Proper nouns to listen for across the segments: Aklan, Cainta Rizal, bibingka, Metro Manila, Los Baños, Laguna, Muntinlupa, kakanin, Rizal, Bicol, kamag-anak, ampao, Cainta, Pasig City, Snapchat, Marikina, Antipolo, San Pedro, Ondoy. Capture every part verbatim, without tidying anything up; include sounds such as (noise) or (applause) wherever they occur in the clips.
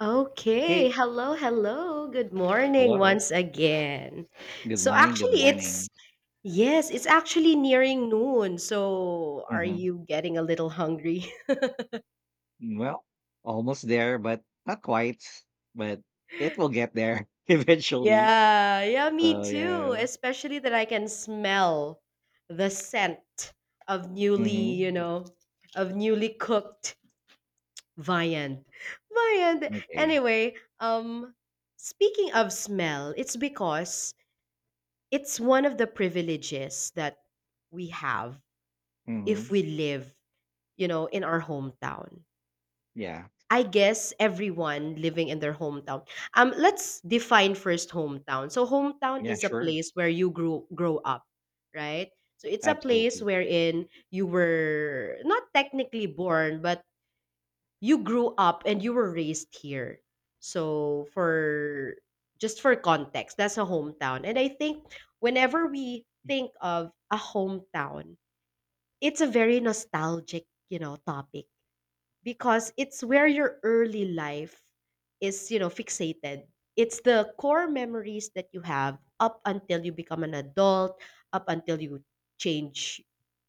Okay. Hey, Hello, hello. Good morning hello. once again. Good So morning. Good actually it's morning. Yes, it's actually nearing noon. So are Hmm. you getting a little hungry? (laughs) Well, almost there, but not quite. But it will get there (laughs) eventually. Yeah, yeah, me So too. yeah. Especially that I can smell the scent of newly, Hmm. you know, of newly cooked viand. Viand. Okay. Anyway, um speaking of smell, it's because it's one of the privileges that we have if Hmm. we live, you know, in our hometown. Yeah. I guess everyone living in their hometown. Um, let's define first hometown. So hometown Yeah. is a Sure. place where you grew grow up, right? So it's a place Absolutely. wherein you were not technically born, but you grew up and you were raised here. So for Just for context, that's a hometown. And I think whenever we think of a hometown, it's a very nostalgic, you know, topic because it's where your early life is, you know, fixated. It's the core memories that you have up until you become an adult, up until you change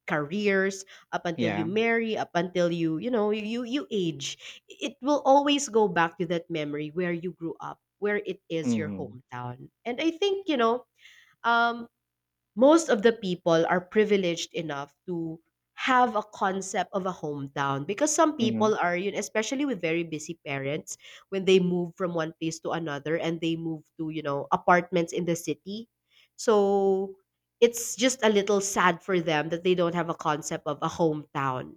careers, up until you Yeah. marry, up until you you know you you age. It will always go back to that memory where you grew up, where it is your Hmm. hometown. And I think, you know, um most of the people are privileged enough to have a concept of a hometown, because some Hmm. people are yun, especially with very busy parents, when they move from one place to another and they move to, you know, apartments in the city. So it's just a little sad for them that they don't have a concept of a hometown,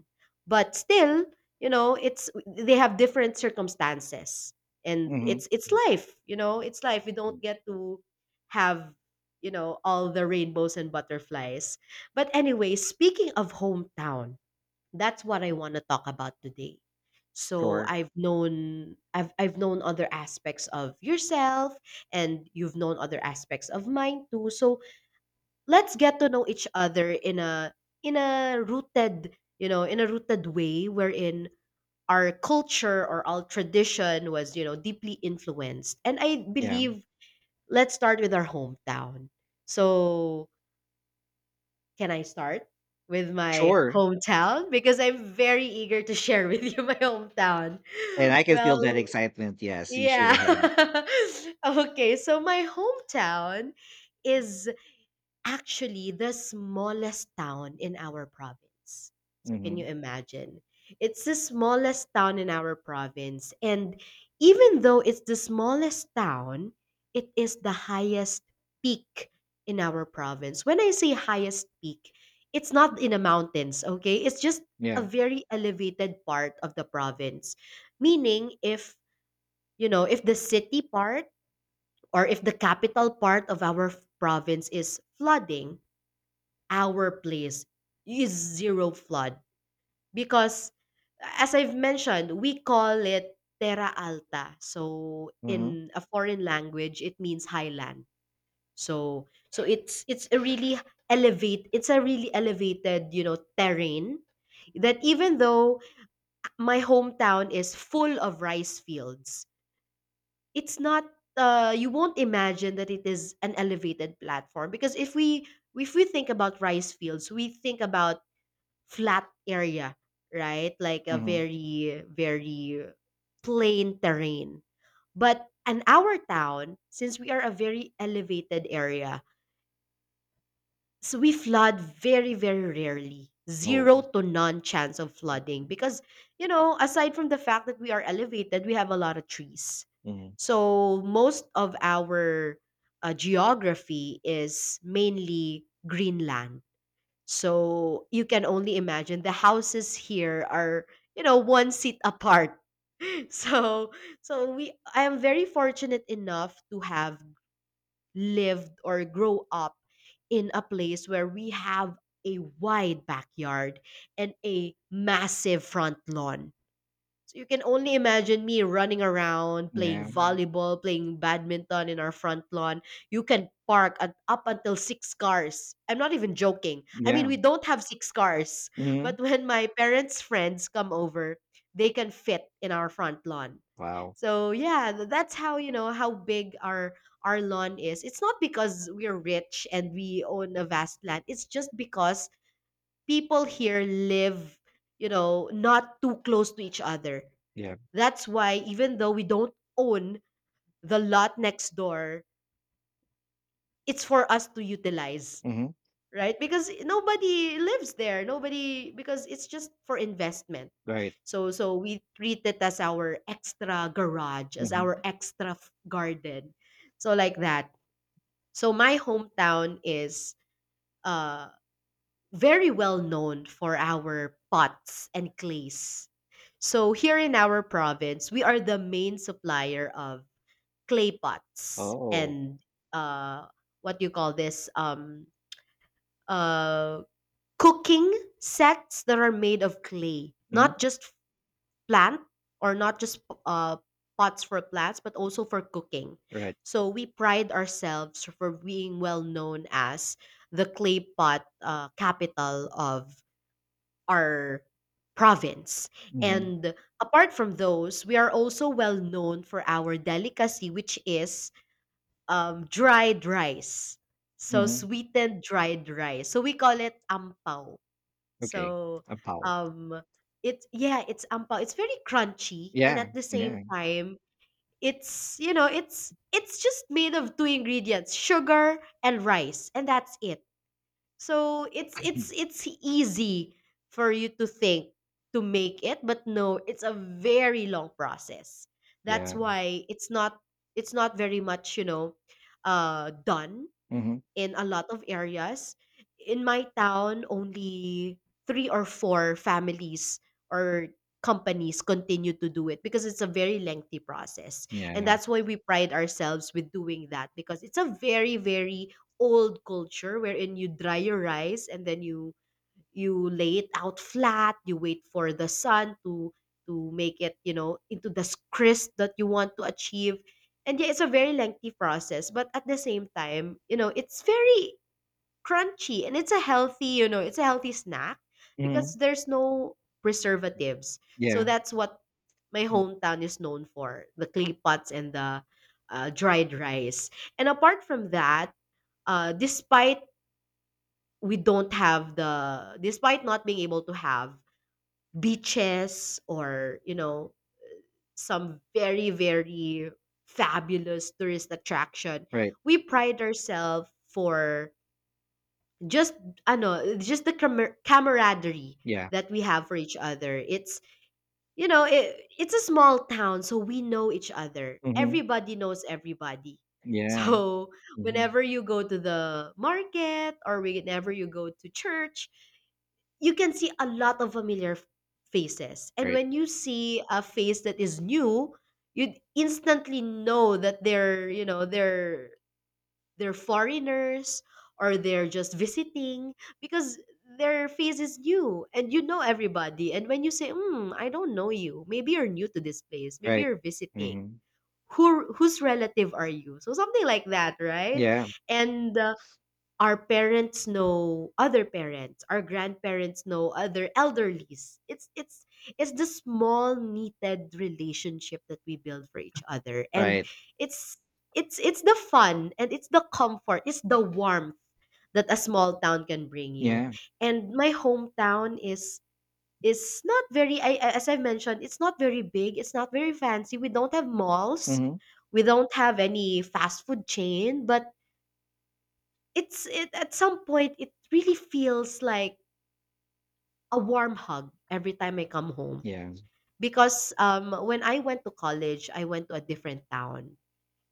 but still, you know, it's, they have different circumstances, and Hmm. it's it's life. You know, it's life. We don't get to have, you know, all the rainbows and butterflies. But anyway, speaking of hometown, that's what I want to talk about today. So Sure. I've known I've I've known other aspects of yourself and you've known other aspects of mine too. So let's get to know each other in a, in a rooted, you know, in a rooted way wherein our culture or our tradition was, you know, deeply influenced. And I Yeah. believe let's start with our hometown. So can I start with my Sure. hometown? Because I'm very eager to share with you my hometown. (laughs) And I can feel that Well, excitement. Yes, you should yeah. have. (laughs) Okay, so my hometown is actually the smallest town in our province. So can you Hmm. imagine? It's the smallest town in our province. And even though it's the smallest town, it is the highest peak in our province. When I say highest peak, it's not in the mountains, okay? It's just a Yeah. very elevated part of the province. Meaning, if, you know, if the city part or if the capital part of our f- province is flooding, our place is zero flood because, as I've mentioned, we call it terra alta. So Hmm. in a foreign language, it means highland. So so it's it's a really elevate it's a really elevated, you know, terrain that, even though my hometown is full of rice fields, it's not, uh, you won't imagine that it is an elevated platform, because if we, if we think about rice fields, we think about flat area, right? Like a Hmm. very, very plain terrain. But in our town, since we are a very elevated area, so we flood very, very rarely. Oh. Zero to none chance of flooding because, you know, aside from the fact that we are elevated, we have a lot of trees. Hmm. So most of our, uh, geography is mainly green land. So you can only imagine the houses here are, you know, one seat apart. (laughs) So so we I am very fortunate enough to have lived or grow up in a place where we have a wide backyard and a massive front lawn. So you can only imagine me running around, playing Yeah. volleyball, playing badminton in our front lawn. You can park at, up until six cars. I'm not even joking. I mean, Yeah. we don't have six cars, (laughs) Hmm. but when my parents' friends come over, they can fit in our front lawn. Wow. So yeah, th- that's how you know how big our our lawn is. It's not because we're rich and we own a vast land. It's just because people here live, you know, not too close to each other. Yeah. That's why, even though we don't own the lot next door, it's for us to utilize, Hmm. right? Because nobody lives there. Nobody, because it's just for investment. Right. So so we treat it as our extra garage, as Mhm. our extra f- garden. So like that. So my hometown is, uh very well known for our pots and clays. So here in our province, we are the main supplier of clay pots Oh. and, uh, what do you call this? Um, uh, cooking sets that are made of clay, Mhm. not just plant, or not just, uh, pots for plants, but also for cooking. Right. So we pride ourselves for being well known as the clay pot, uh, capital of our province. Mhm. And apart from those, we are also well known for our delicacy, which is, um, dried rice. So Mhm. sweetened dried rice. So we call it ampao. Okay. So, A power. um it's, yeah, it's ampao. It's very crunchy, and Yeah. at the same Yeah. time it's you know, it's it's just made of two ingredients, sugar and rice, and that's it. So it's Mm. it's it's easy for you to think to make it, but no, it's a very long process. Yeah. That's why it's not it's not very much, you know, uh, done Mhm. in a lot of areas. In my town, only three or four families or companies continue to do it, because it's a very lengthy process. And Yeah. that's why we pride ourselves with doing that, because it's a very, very old culture wherein you dry your rice, and then you you lay it out flat, you wait for the sun to to make it, you know, into the crisp that you want to achieve. And yeah, it's a very lengthy process, but at the same time, you know, it's very crunchy, and it's a healthy, you know, it's a healthy snack Mhm. because there's no preservatives. So Yeah. that's what my Mm. hometown is known for, the clay pots and the, uh, dried rice. And apart from that, uh, despite we don't have the, despite not being able to have beaches, or you know, some very, very fabulous tourist attraction, Right. we pride ourselves for just ano, just the camar- camaraderie Yeah. that we have for each other. It's, you know, it, it's a small town, so we know each other, Mhm. everybody knows everybody. (laughs) Yeah. So Mhm. whenever you go to the market or whenever you go to church, you can see a lot of familiar f- faces. And Right. when you see a face that is new, you instantly know that they're, you know, they're they're foreigners, or they're just visiting, because their face is new and you know everybody. And when you say, hmm, I don't know you, maybe you're new to this place, maybe Right. you're visiting. Mhm. Who, whose relative are you? So something like that, right? Yeah. And uh, our parents know other parents, our grandparents know other elderlies. It's it's it's the small needed relationship that we build for each other. And Right. it's it's it's the fun, and it's the comfort, it's the warmth that a small town can bring you. Yeah. And my hometown is is not very, I, I- as I mentioned, it's not very big, it's not very fancy, we don't have malls, Mhm. we don't have any fast food chain, but it's it at some point it really feels like a warm hug every time I come home. Yeah. Because, um, when I went to college, I went to a different town,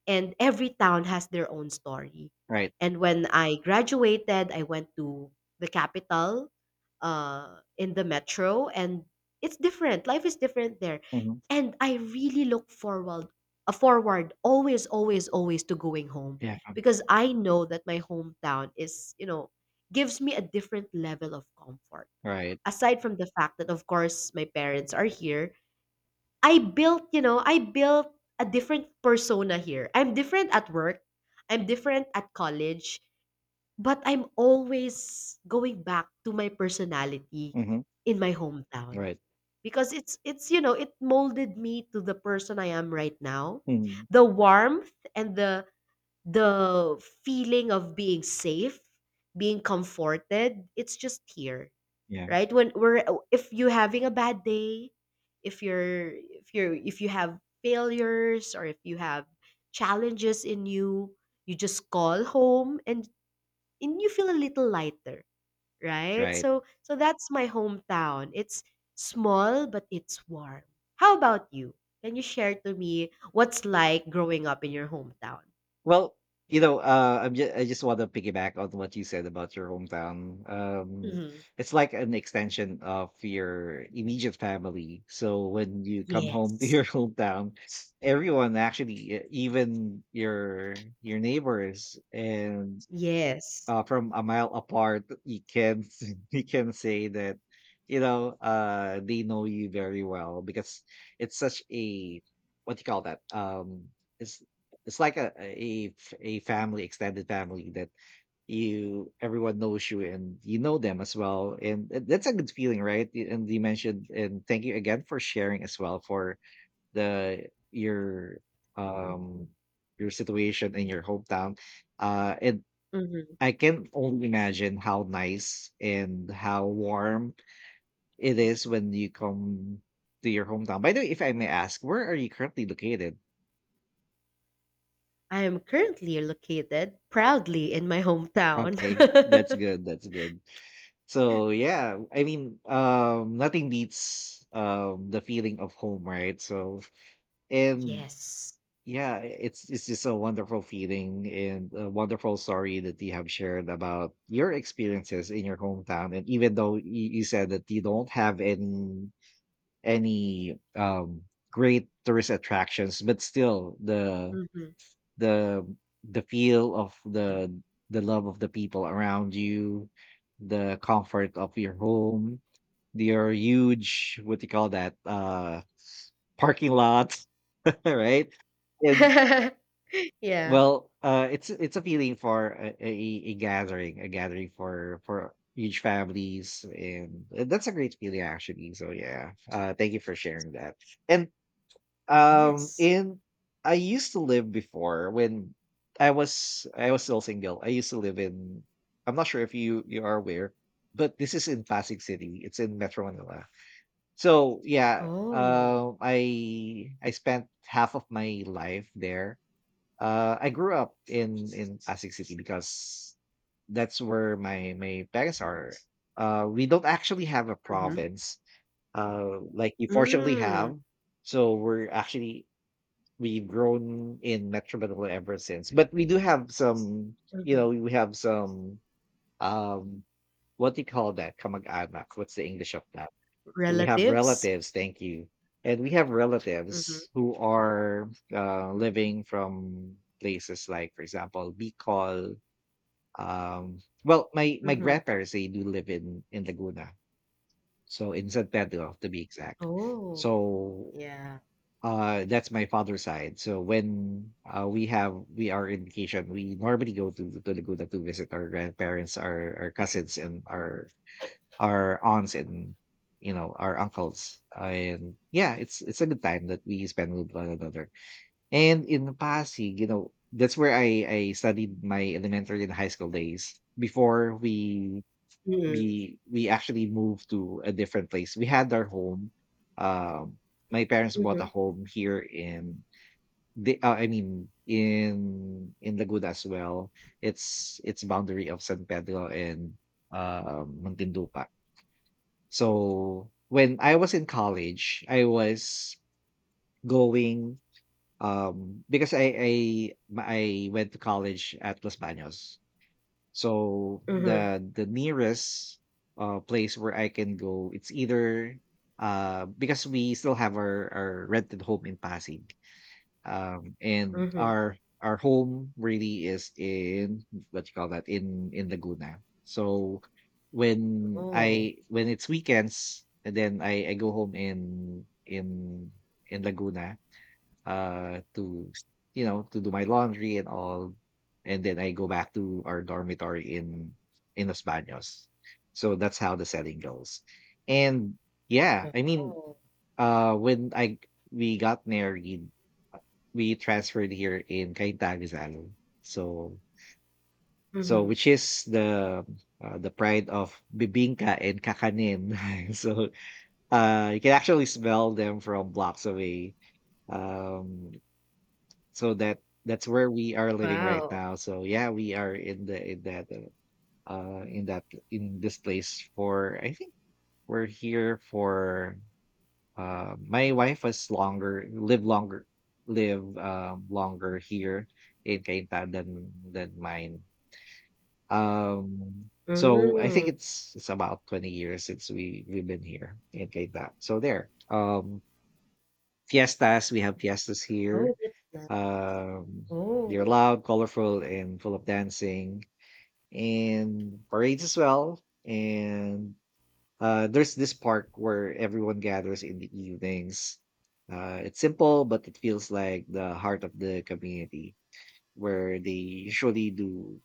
and every town has their own story. Right. And when I graduated, I went to the capital, uh, in the metro, and it's different. Life is different there, Mhm. and I really look forward, uh, forward always, always, always to going home, Yeah. because I know that my hometown is, you know, gives me a different level of comfort. Right. Aside from the fact that, of course, my parents are here, I built, you know, I built a different persona here. I'm different at work, I'm different at college, but I'm always going back to my personality Mhm. in my hometown, Right. because it's it's you know, it molded me to the person I am right now. Mhm. The warmth and the the feeling of being safe, being comforted, it's just here, Yeah. right? When we're, if you're having a bad day, if you're if you're if you have failures, or if you have challenges in you, you just call home, and and you feel a little lighter, right? Right. So so that's my hometown. It's small, but it's warm. How about you? Can you share to me what's like growing up in your hometown? Well, you know, uh, I'm just, I just want to piggyback on what you said about your hometown. Um, hmm. it's like an extension of your immediate family. So when you come home to your Yes. (laughs) hometown, everyone actually, e- even your your neighbors, and Yes, uh, from a mile apart, you can s- (laughs) you can say that, you know, uh, they know you very well because it's such a — what do you call that? Um, it's it's like a a f- a family, extended family, that you, everyone knows you and you know them as well. And th- that's a good feeling, right? Y- and you mentioned, and thank you again for sharing as well for the your um your situation in your hometown, uh and I can only imagine how nice and how warm it is when you come to your hometown. By the way, if I may ask, where are you currently located? I am currently located proudly in my hometown. Okay, that's (laughs) good. That's good. So yeah, I mean, um, nothing beats um the feeling of home, right? So and Yes. yeah, it's it's just a wonderful feeling and a wonderful story that you have shared about your experiences in your hometown. And even though you, you said that you don't have any, any um great tourist attractions, but still the Mhm. the the feel of the the love of the people around you, the comfort of your home, your huge — what do you call that? Uh parking lot. (laughs) Right. And, (laughs) Yeah. well uh it's it's a feeling for a, a, a gathering, a gathering for for huge families, and that's a great feeling actually. So yeah, uh thank you for sharing that. And Um, Yes. and I used to live before when I was I was still single. I used to live in — I'm not sure if you you are aware, but this is in Pasig City. It's in Metro Manila. So yeah, Oh. uh, I I spent half of my life there. Uh, I grew up in in Pasig City because that's where my my parents are. Uh, we don't actually have a Mhm. province, uh, like you fortunately Mm. have. So we're actually we've grown in Metro Manila ever since. But we do have some, you know, Mhm. we have some um what do you call that? Kamag-anak. What's the English of that? We have Relatives? relatives, thank you. And we have Mhm. relatives who are, uh, living from places like, for example, Bicol. Um, well, my my Mhm. grandparents, they do live in in Laguna, so in San Pedro to be exact. Oh, So yeah. uh, that's my father's side. So when, uh, we have we are in vacation, we normally go to, to Laguna to visit our grandparents, our our cousins, and our our aunts, and you know our uncles. And yeah, it's it's a good time that we spend with one another. And in Pasig, you know, that's where I I studied my elementary and high school days before we Mm. we we actually moved to a different place. We had our home. Um, my parents bought a Mhm. home here in they uh, I mean in in Laguna as well. It's it's boundary of San Pedro and, uh, Muntinlupa. So when I was in college, I was going um because I I my- I went to college at Los Baños. So Mhm. the the nearest uh place where I can go, it's either, uh because we still have our our rented home in Pasig, um, and Mhm. our our home really is in, what you call that, in in Laguna. So when Oh. I when it's weekends, and then I I go home in in in Laguna, uh to, you know to do my laundry and all, and then I go back to our dormitory in in Los Baños. So that's how the setting goes. And yeah, I mean, Oh. uh when I we got married. We transferred here in Cainta, Rizal. So, so Mhm. which is the uh, the pride of bibingka and kakanin. (laughs) so uh, you can actually smell them from blocks away. Um, so that that's where we are living right Wow. now. So yeah, we are in the, in that uh, uh, in that in this place for, I think we're here for Uh, my wife was longer live longer live um, longer here in Cainta than than mine. Um, so I think Mm. it's it's about twenty years since we we've been here in Cainta. So there. Um, fiestas We have fiestas Oh, here. that's nice. Um, Oh. they're loud, colorful, and full of dancing and parades as well. And, uh, there's this park where everyone gathers in the evenings. Uh, it's simple, but it feels like the heart of the community, where they usually do,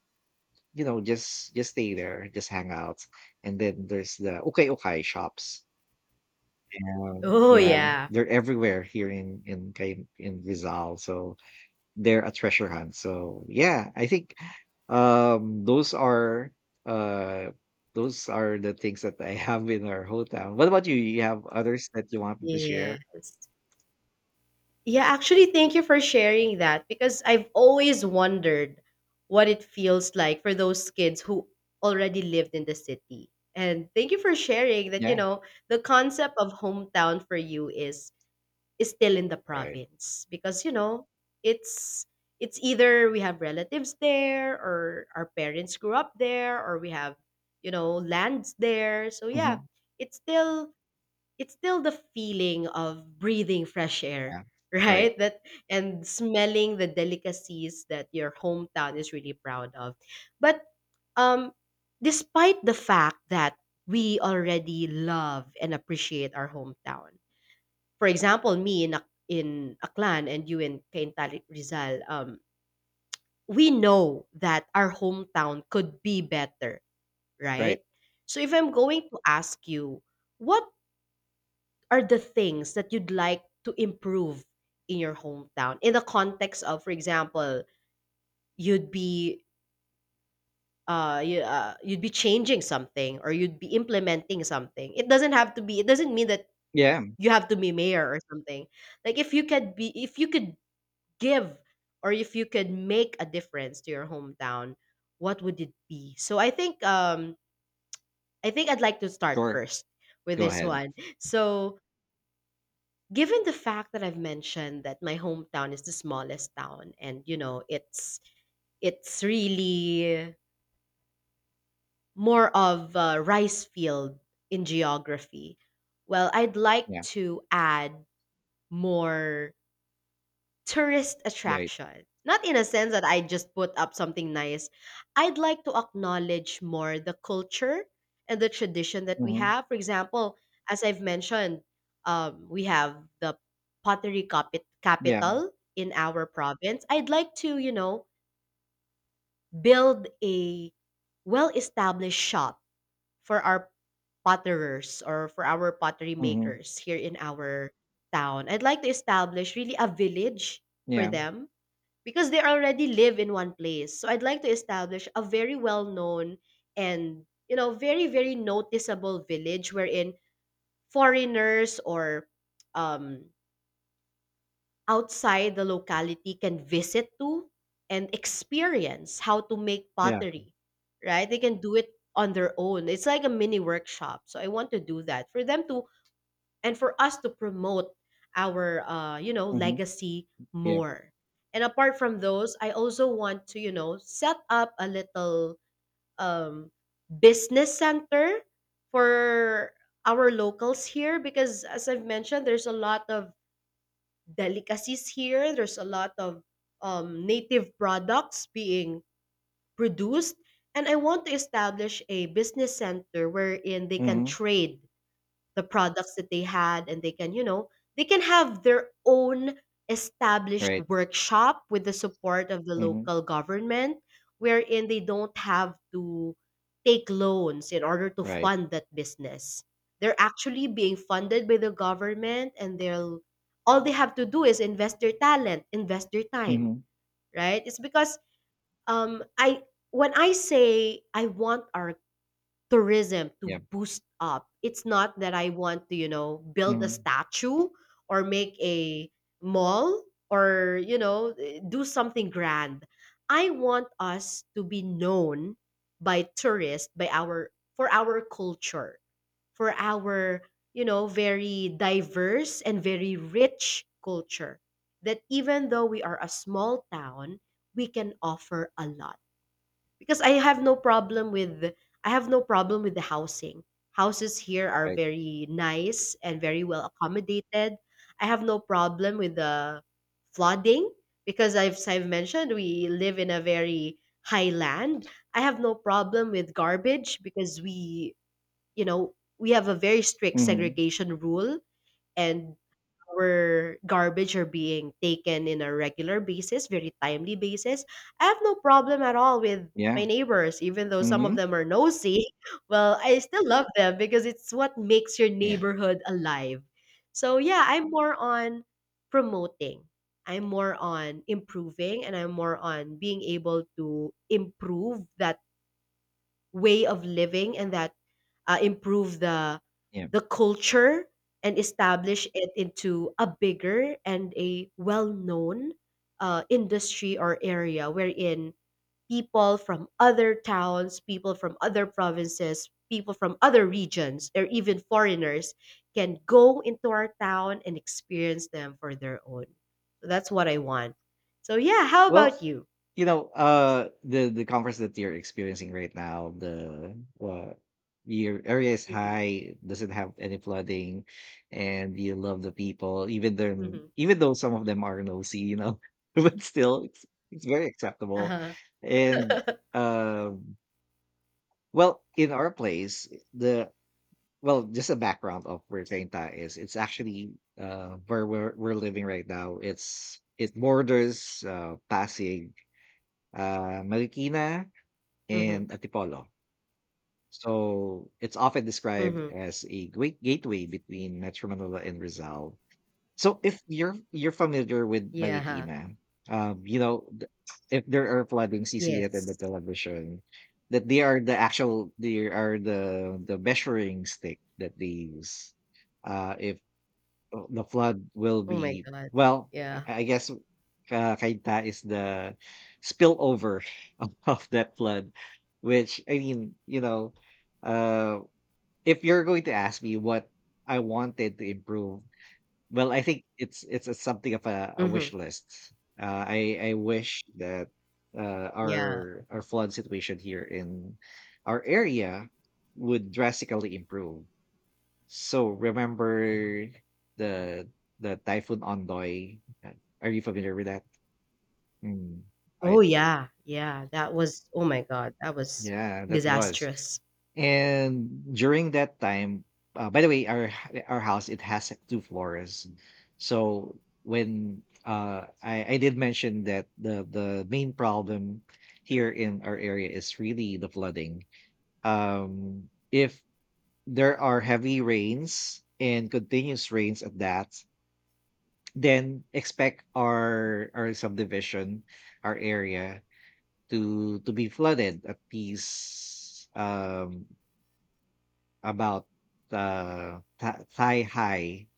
you know, just just stay there, just hang out. And then there's the okay okay shops. Um, Oh, Yeah, yeah. they're everywhere here in in Cay- in Rizal. So they're a treasure hunt. So yeah, I think um those are uh those are the things that I have in our hometown. What about you? You have others that you wanted to share? Yes. Yeah, actually, thank you for sharing that because I've always wondered what it feels like for those kids who already lived in the city. And thank you for sharing that, you Yeah, know, the concept of hometown for you is is still in the right. province because, you know, it's it's either we have relatives there or our parents grew up there or we have, you know, lands there. So yeah, Hmm. it's still it's still the feeling of breathing fresh air Yeah, (laughs) right, right? that and smelling the delicacies that your hometown is really proud of, but um despite the fact that we already love and appreciate our hometown, for example me in Ac- in Aklan and you in Cainta Rizal, um we know that our hometown could be better, right. right? So if I'm going to ask you, what are the things that you'd like to improve in your hometown? In the context of, for example, you'd be uh, you, uh you'd be changing something or you'd be implementing something. It doesn't have to be, it doesn't mean that Yeah, you have to be mayor or something. Like if you could be, if you could give, or if you could make a difference to your hometown, what would it be? So i think um i think I'd like to start sure. first with Go this ahead. one. So given the fact that I've mentioned that my hometown is the smallest town, and you know it's it's really more of a rice field in geography. Well, I'd like Yeah, to add more tourist right. attraction. Not in a sense that I just put up something nice. I'd like to acknowledge more the culture and the tradition that we Hmm. have. For example, as I've mentioned, um, we have the pottery capi- Yeah. capital in our province. I'd like to, you know, build a well established shop for our potterers or for our pottery Hmm. makers here in our town. I'd like to establish really a village for Yeah, them because they already live in one place. So I'd like to establish a very well-known and you know very very noticeable village wherein foreigners or um, outside the locality can visit to and experience how to make yeah. pottery. Right? They can do it on their own. It's like a mini workshop. So I want to do that for them to, and for us to promote our uh, you know Hmm. legacy Yeah. more. And apart from those, I also want to, you know, set up a little um, business center for our locals here because as I've mentioned there's a lot of delicacies here, there's a lot of um, native products being produced, and I want to establish a business center wherein they can Hmm. trade the products that they had and they can you know they can have their own established Right. workshop with the support of the Hmm. local government, wherein they don't have to take loans in order to Right. fund that business. They're actually being funded by the government and they'll, all they have to do is invest their talent, invest their time. Hmm. Right? It's because um I when I say I want our tourism to Yeah. boost up, it's not that I want to, you know, build a Hmm. statue or make a mall or, you know, eh, do something grand. I want us to be known by tourists by our, for our culture, for our, you know, very diverse and very rich culture. That even though we are a small town, we can offer a lot. Because I have no problem with I have no problem with the housing. Houses here are Right. very nice and very well accommodated. I have no problem with the flooding because I've as I've mentioned we live in a very high land. I have no problem with garbage because we, you know, we have a very strict Hmm. segregation rule, and our garbage are being taken in a regular basis, very timely basis. I have no problem at all with Yeah. my neighbors, even though some of Hmm. them are nosy. (laughs) Well, I still love them because it's what makes your Yeah, neighborhood alive. So yeah, I'm more on promoting. I'm more on improving and I'm more on being able to improve that way of living and that uh, improve the yeah. the culture and establish it into a bigger and a well-known uh, industry or area wherein people from other towns, people from other provinces, people from other regions, or even foreigners can go into our town and experience them for their own. So that's what I want. So yeah, how Well, about you? you know, uh, the the conference that you're experiencing right now, the uh, your area is Hmm. high, doesn't have any flooding, and you love the people, even them, Hmm. even though some of them are nosy, you know, (laughs) but still, it's it's very acceptable. Uh-huh. And um, well, in our place, the well, just a background of where Tainta is. It's actually, uh, where we're we're living right now. It's it borders, uh, Pasig, uh, Marikina, Hmm. and Antipolo. So it's often described Hmm. as a great gateway between Metro Manila and Rizal. So if you're you're familiar with Yeah. Marikina, um, you know th- if there are flooding, C C N and the Yes. television, that they are, the actual they are the the measuring stick that they use. Uh, if, uh, the flood will Oh my be, god. well, Yeah. I I guess, uh, Kainta is the spillover (laughs) of, of that flood, which, I mean, you know, uh, if you're going to ask me what I wanted to improve, well, I think it's it's a, something of a, a wish Mhm. list. Uh, I I wish that uh, Yeah. our our flood situation here in our area would drastically improve. So remember the the typhoon Ondoy. Uh, Are you familiar with that? Mm. Oh Right. yeah. Yeah, that was, oh my god, that was Yeah, that was. disastrous. And during that time, uh, by the way, our h- our house, it has two floors. So when, uh, I I did mention that the the main problem here in our area is really the flooding. Um, if there are heavy rains and continuous rains at that, then expect our our subdivision, our area to to be flooded at least, um about, uh th- thigh high,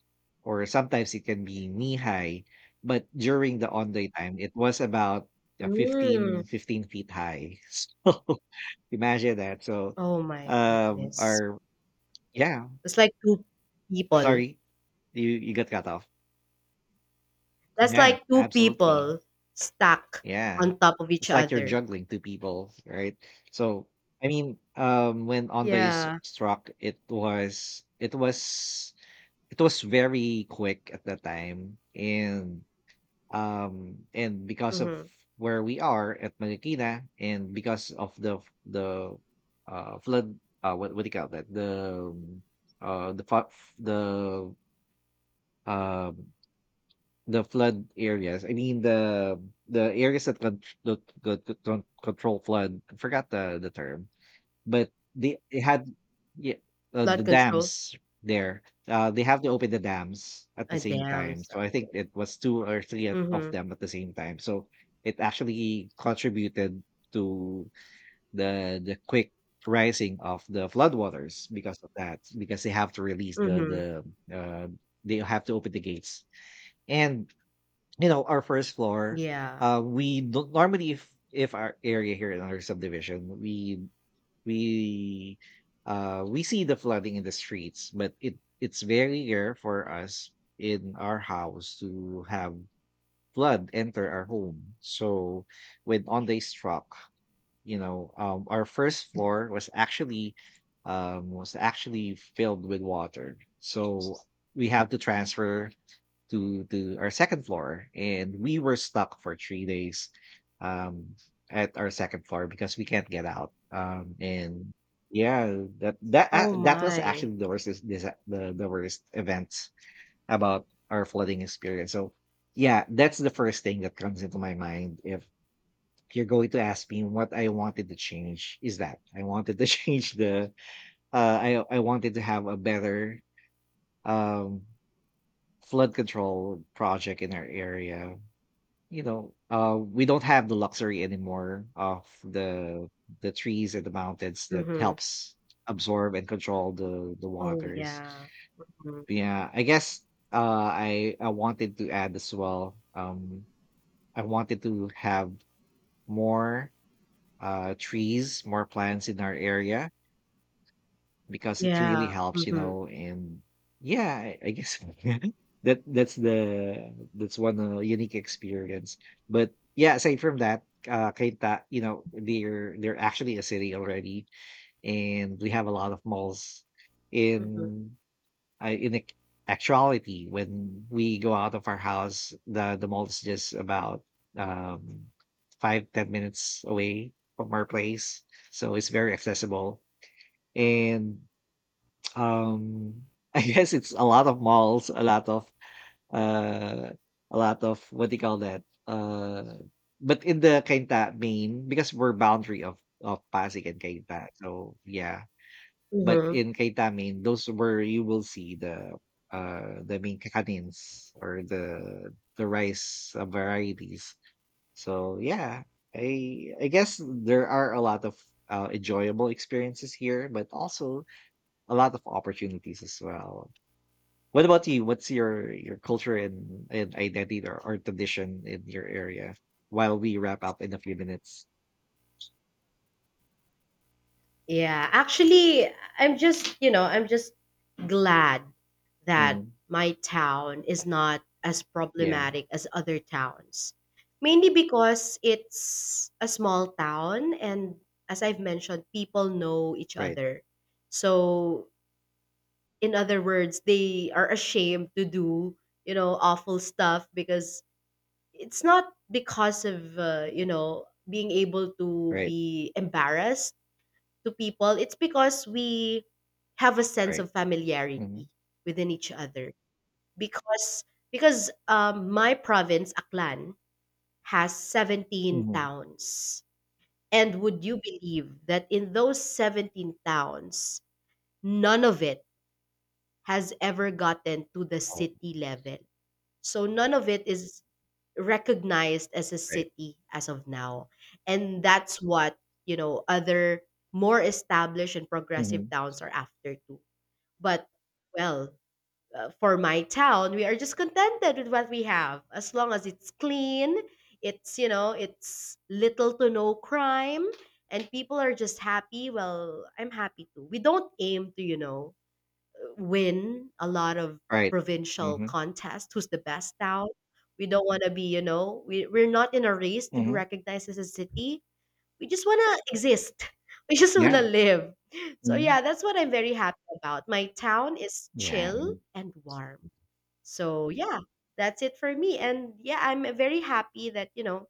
or sometimes it can be knee high. But during the onday time it was about, uh, Mm. fifteen fifteen feet high (laughs) so imagine that. So Oh my um goodness. or Yeah. It's like two people. Sorry, you you got cut off. That's Yeah, like two absolutely. people stuck Yeah. on top of each It's like you're other. juggling two people, right? So I mean, um when Onda is Yeah. struck, it was it was it was very quick at the time. And, um and because of Mhm. where we are at Marikina, and because of the the uh flood, uh what, what do you call that? The um, uh the fa- the um the flood areas. I mean the the areas that con that that that do control flood. I forgot the the term, but they they had, yeah, uh, the Blood control. dams there. Uh, they have to open the dams at the Ah, same damn time. son. So I think it was two or three, at- of Mhm. them at the same time. So it actually contributed to the the quick rising of the floodwaters because of that. Because they have to release the the Mhm. uh, they have to open the gates. And you know our first floor, Yeah. uh we don't — normally, if if our area here in our subdivision, we we uh we see the flooding in the streets, but it it's very rare for us in our house to have flood enter our home. So when ondays struck, you know, um our first floor was actually, um was actually filled with water. So we have to transfer to to our second floor, and we were stuck for three days, um at our second floor because we can't get out, um and yeah, that that uh, Oh that was my. actually the worst is this the, the worst event about our flooding experience. So yeah, that's the first thing that comes into my mind. If you're going to ask me what I wanted to change, is that I wanted to (laughs) change the uh I I wanted to have a better um flood control project in our area. You know, uh, we don't have the luxury anymore of the the trees and the mountains that Mhm. helps absorb and control the the Oh waters. yeah. Mhm. Yeah, I guess, uh, I I wanted to add as well. Um, I wanted to have more uh trees, more plants in our area because it really Yeah. helps, you Mhm. know. And yeah, I, I guess (laughs) that that's the that's one uh, unique experience. But yeah, aside from that, uh, Kainta, you know, they're they're actually a city already, and we have a lot of malls Mhm. in uh, in ac- actuality. When we go out of our house, the the mall is just about, um five ten minutes away from our place, so it's very accessible, and, um, (laughs) I guess it's a lot of malls, a lot of uh a lot of — what do you call that? Uh but in the Cainta main, because we're boundary of of Pasig and Cainta. So yeah. But Mhm. in Cainta main, those where you will see the uh the main kakanin's, or the the rice, uh, varieties. So yeah, I I guess there are a lot of, uh, enjoyable experiences here, but also a lot of opportunities as well. What about you? What's your your culture, and and identity, or, or tradition in your area, while we wrap up in a few minutes? Yeah, actually, I'm just, you know, I'm just glad that Mhm. my town is not as Yeah. problematic as other towns. Mainly because it's a small town, and as I've mentioned, people know each Right. other. So, in other words, they are ashamed to do, you know, awful stuff. Because it's not because of, uh, you know, being able to Right. be embarrassed to people, it's because we have a sense Right. of Hmm. familiarity within each other. Because because um, My province, Aklan, has seventeen Hmm. towns. And would you believe that in those seventeen towns, none of it has ever gotten to the Oh, city level? So none of it is recognized as a right. city as of now. And that's what, you know, other more established and progressive Hmm. towns are after too. But well, uh, for my town, we are just contented with what we have as long as it's clean, it's, you know, it's little to no crime and people are just happy. Well, I'm happy too. We don't aim to, you know, win a lot of Right. provincial Hmm. contests, who's the best town. We don't want to be, you know, we, we're not in a race to be Hmm. recognized as a city, we just want to exist. (laughs) We just want Yeah. to live. So Hmm. yeah, that's what I'm very happy about, my town is Yeah. chill and warm. So yeah, that's it for me, and yeah I'm very happy that you know,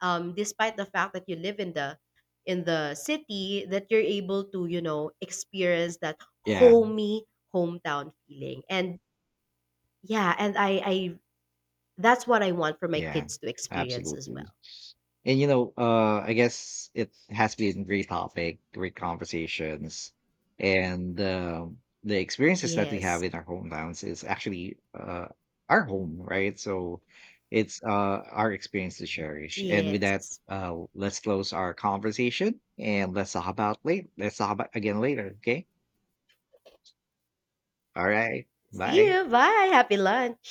um, despite the fact that you live in the in the city that you're able to you know experience that Yeah. homey hometown feeling. And yeah, and i i that's what I want for my Yeah. kids to experience as Absolutely. well. And you know, uh, I guess it has been great topic, great conversations, and um the experiences that we have Yes. in our hometowns is actually, uh, our home, right? So it's, uh, our experience to cherish. And with that, Yes. uh, let's close our conversation and let's talk about later. Let's talk about again later. Okay. All right. See Bye. you, bye, happy lunch.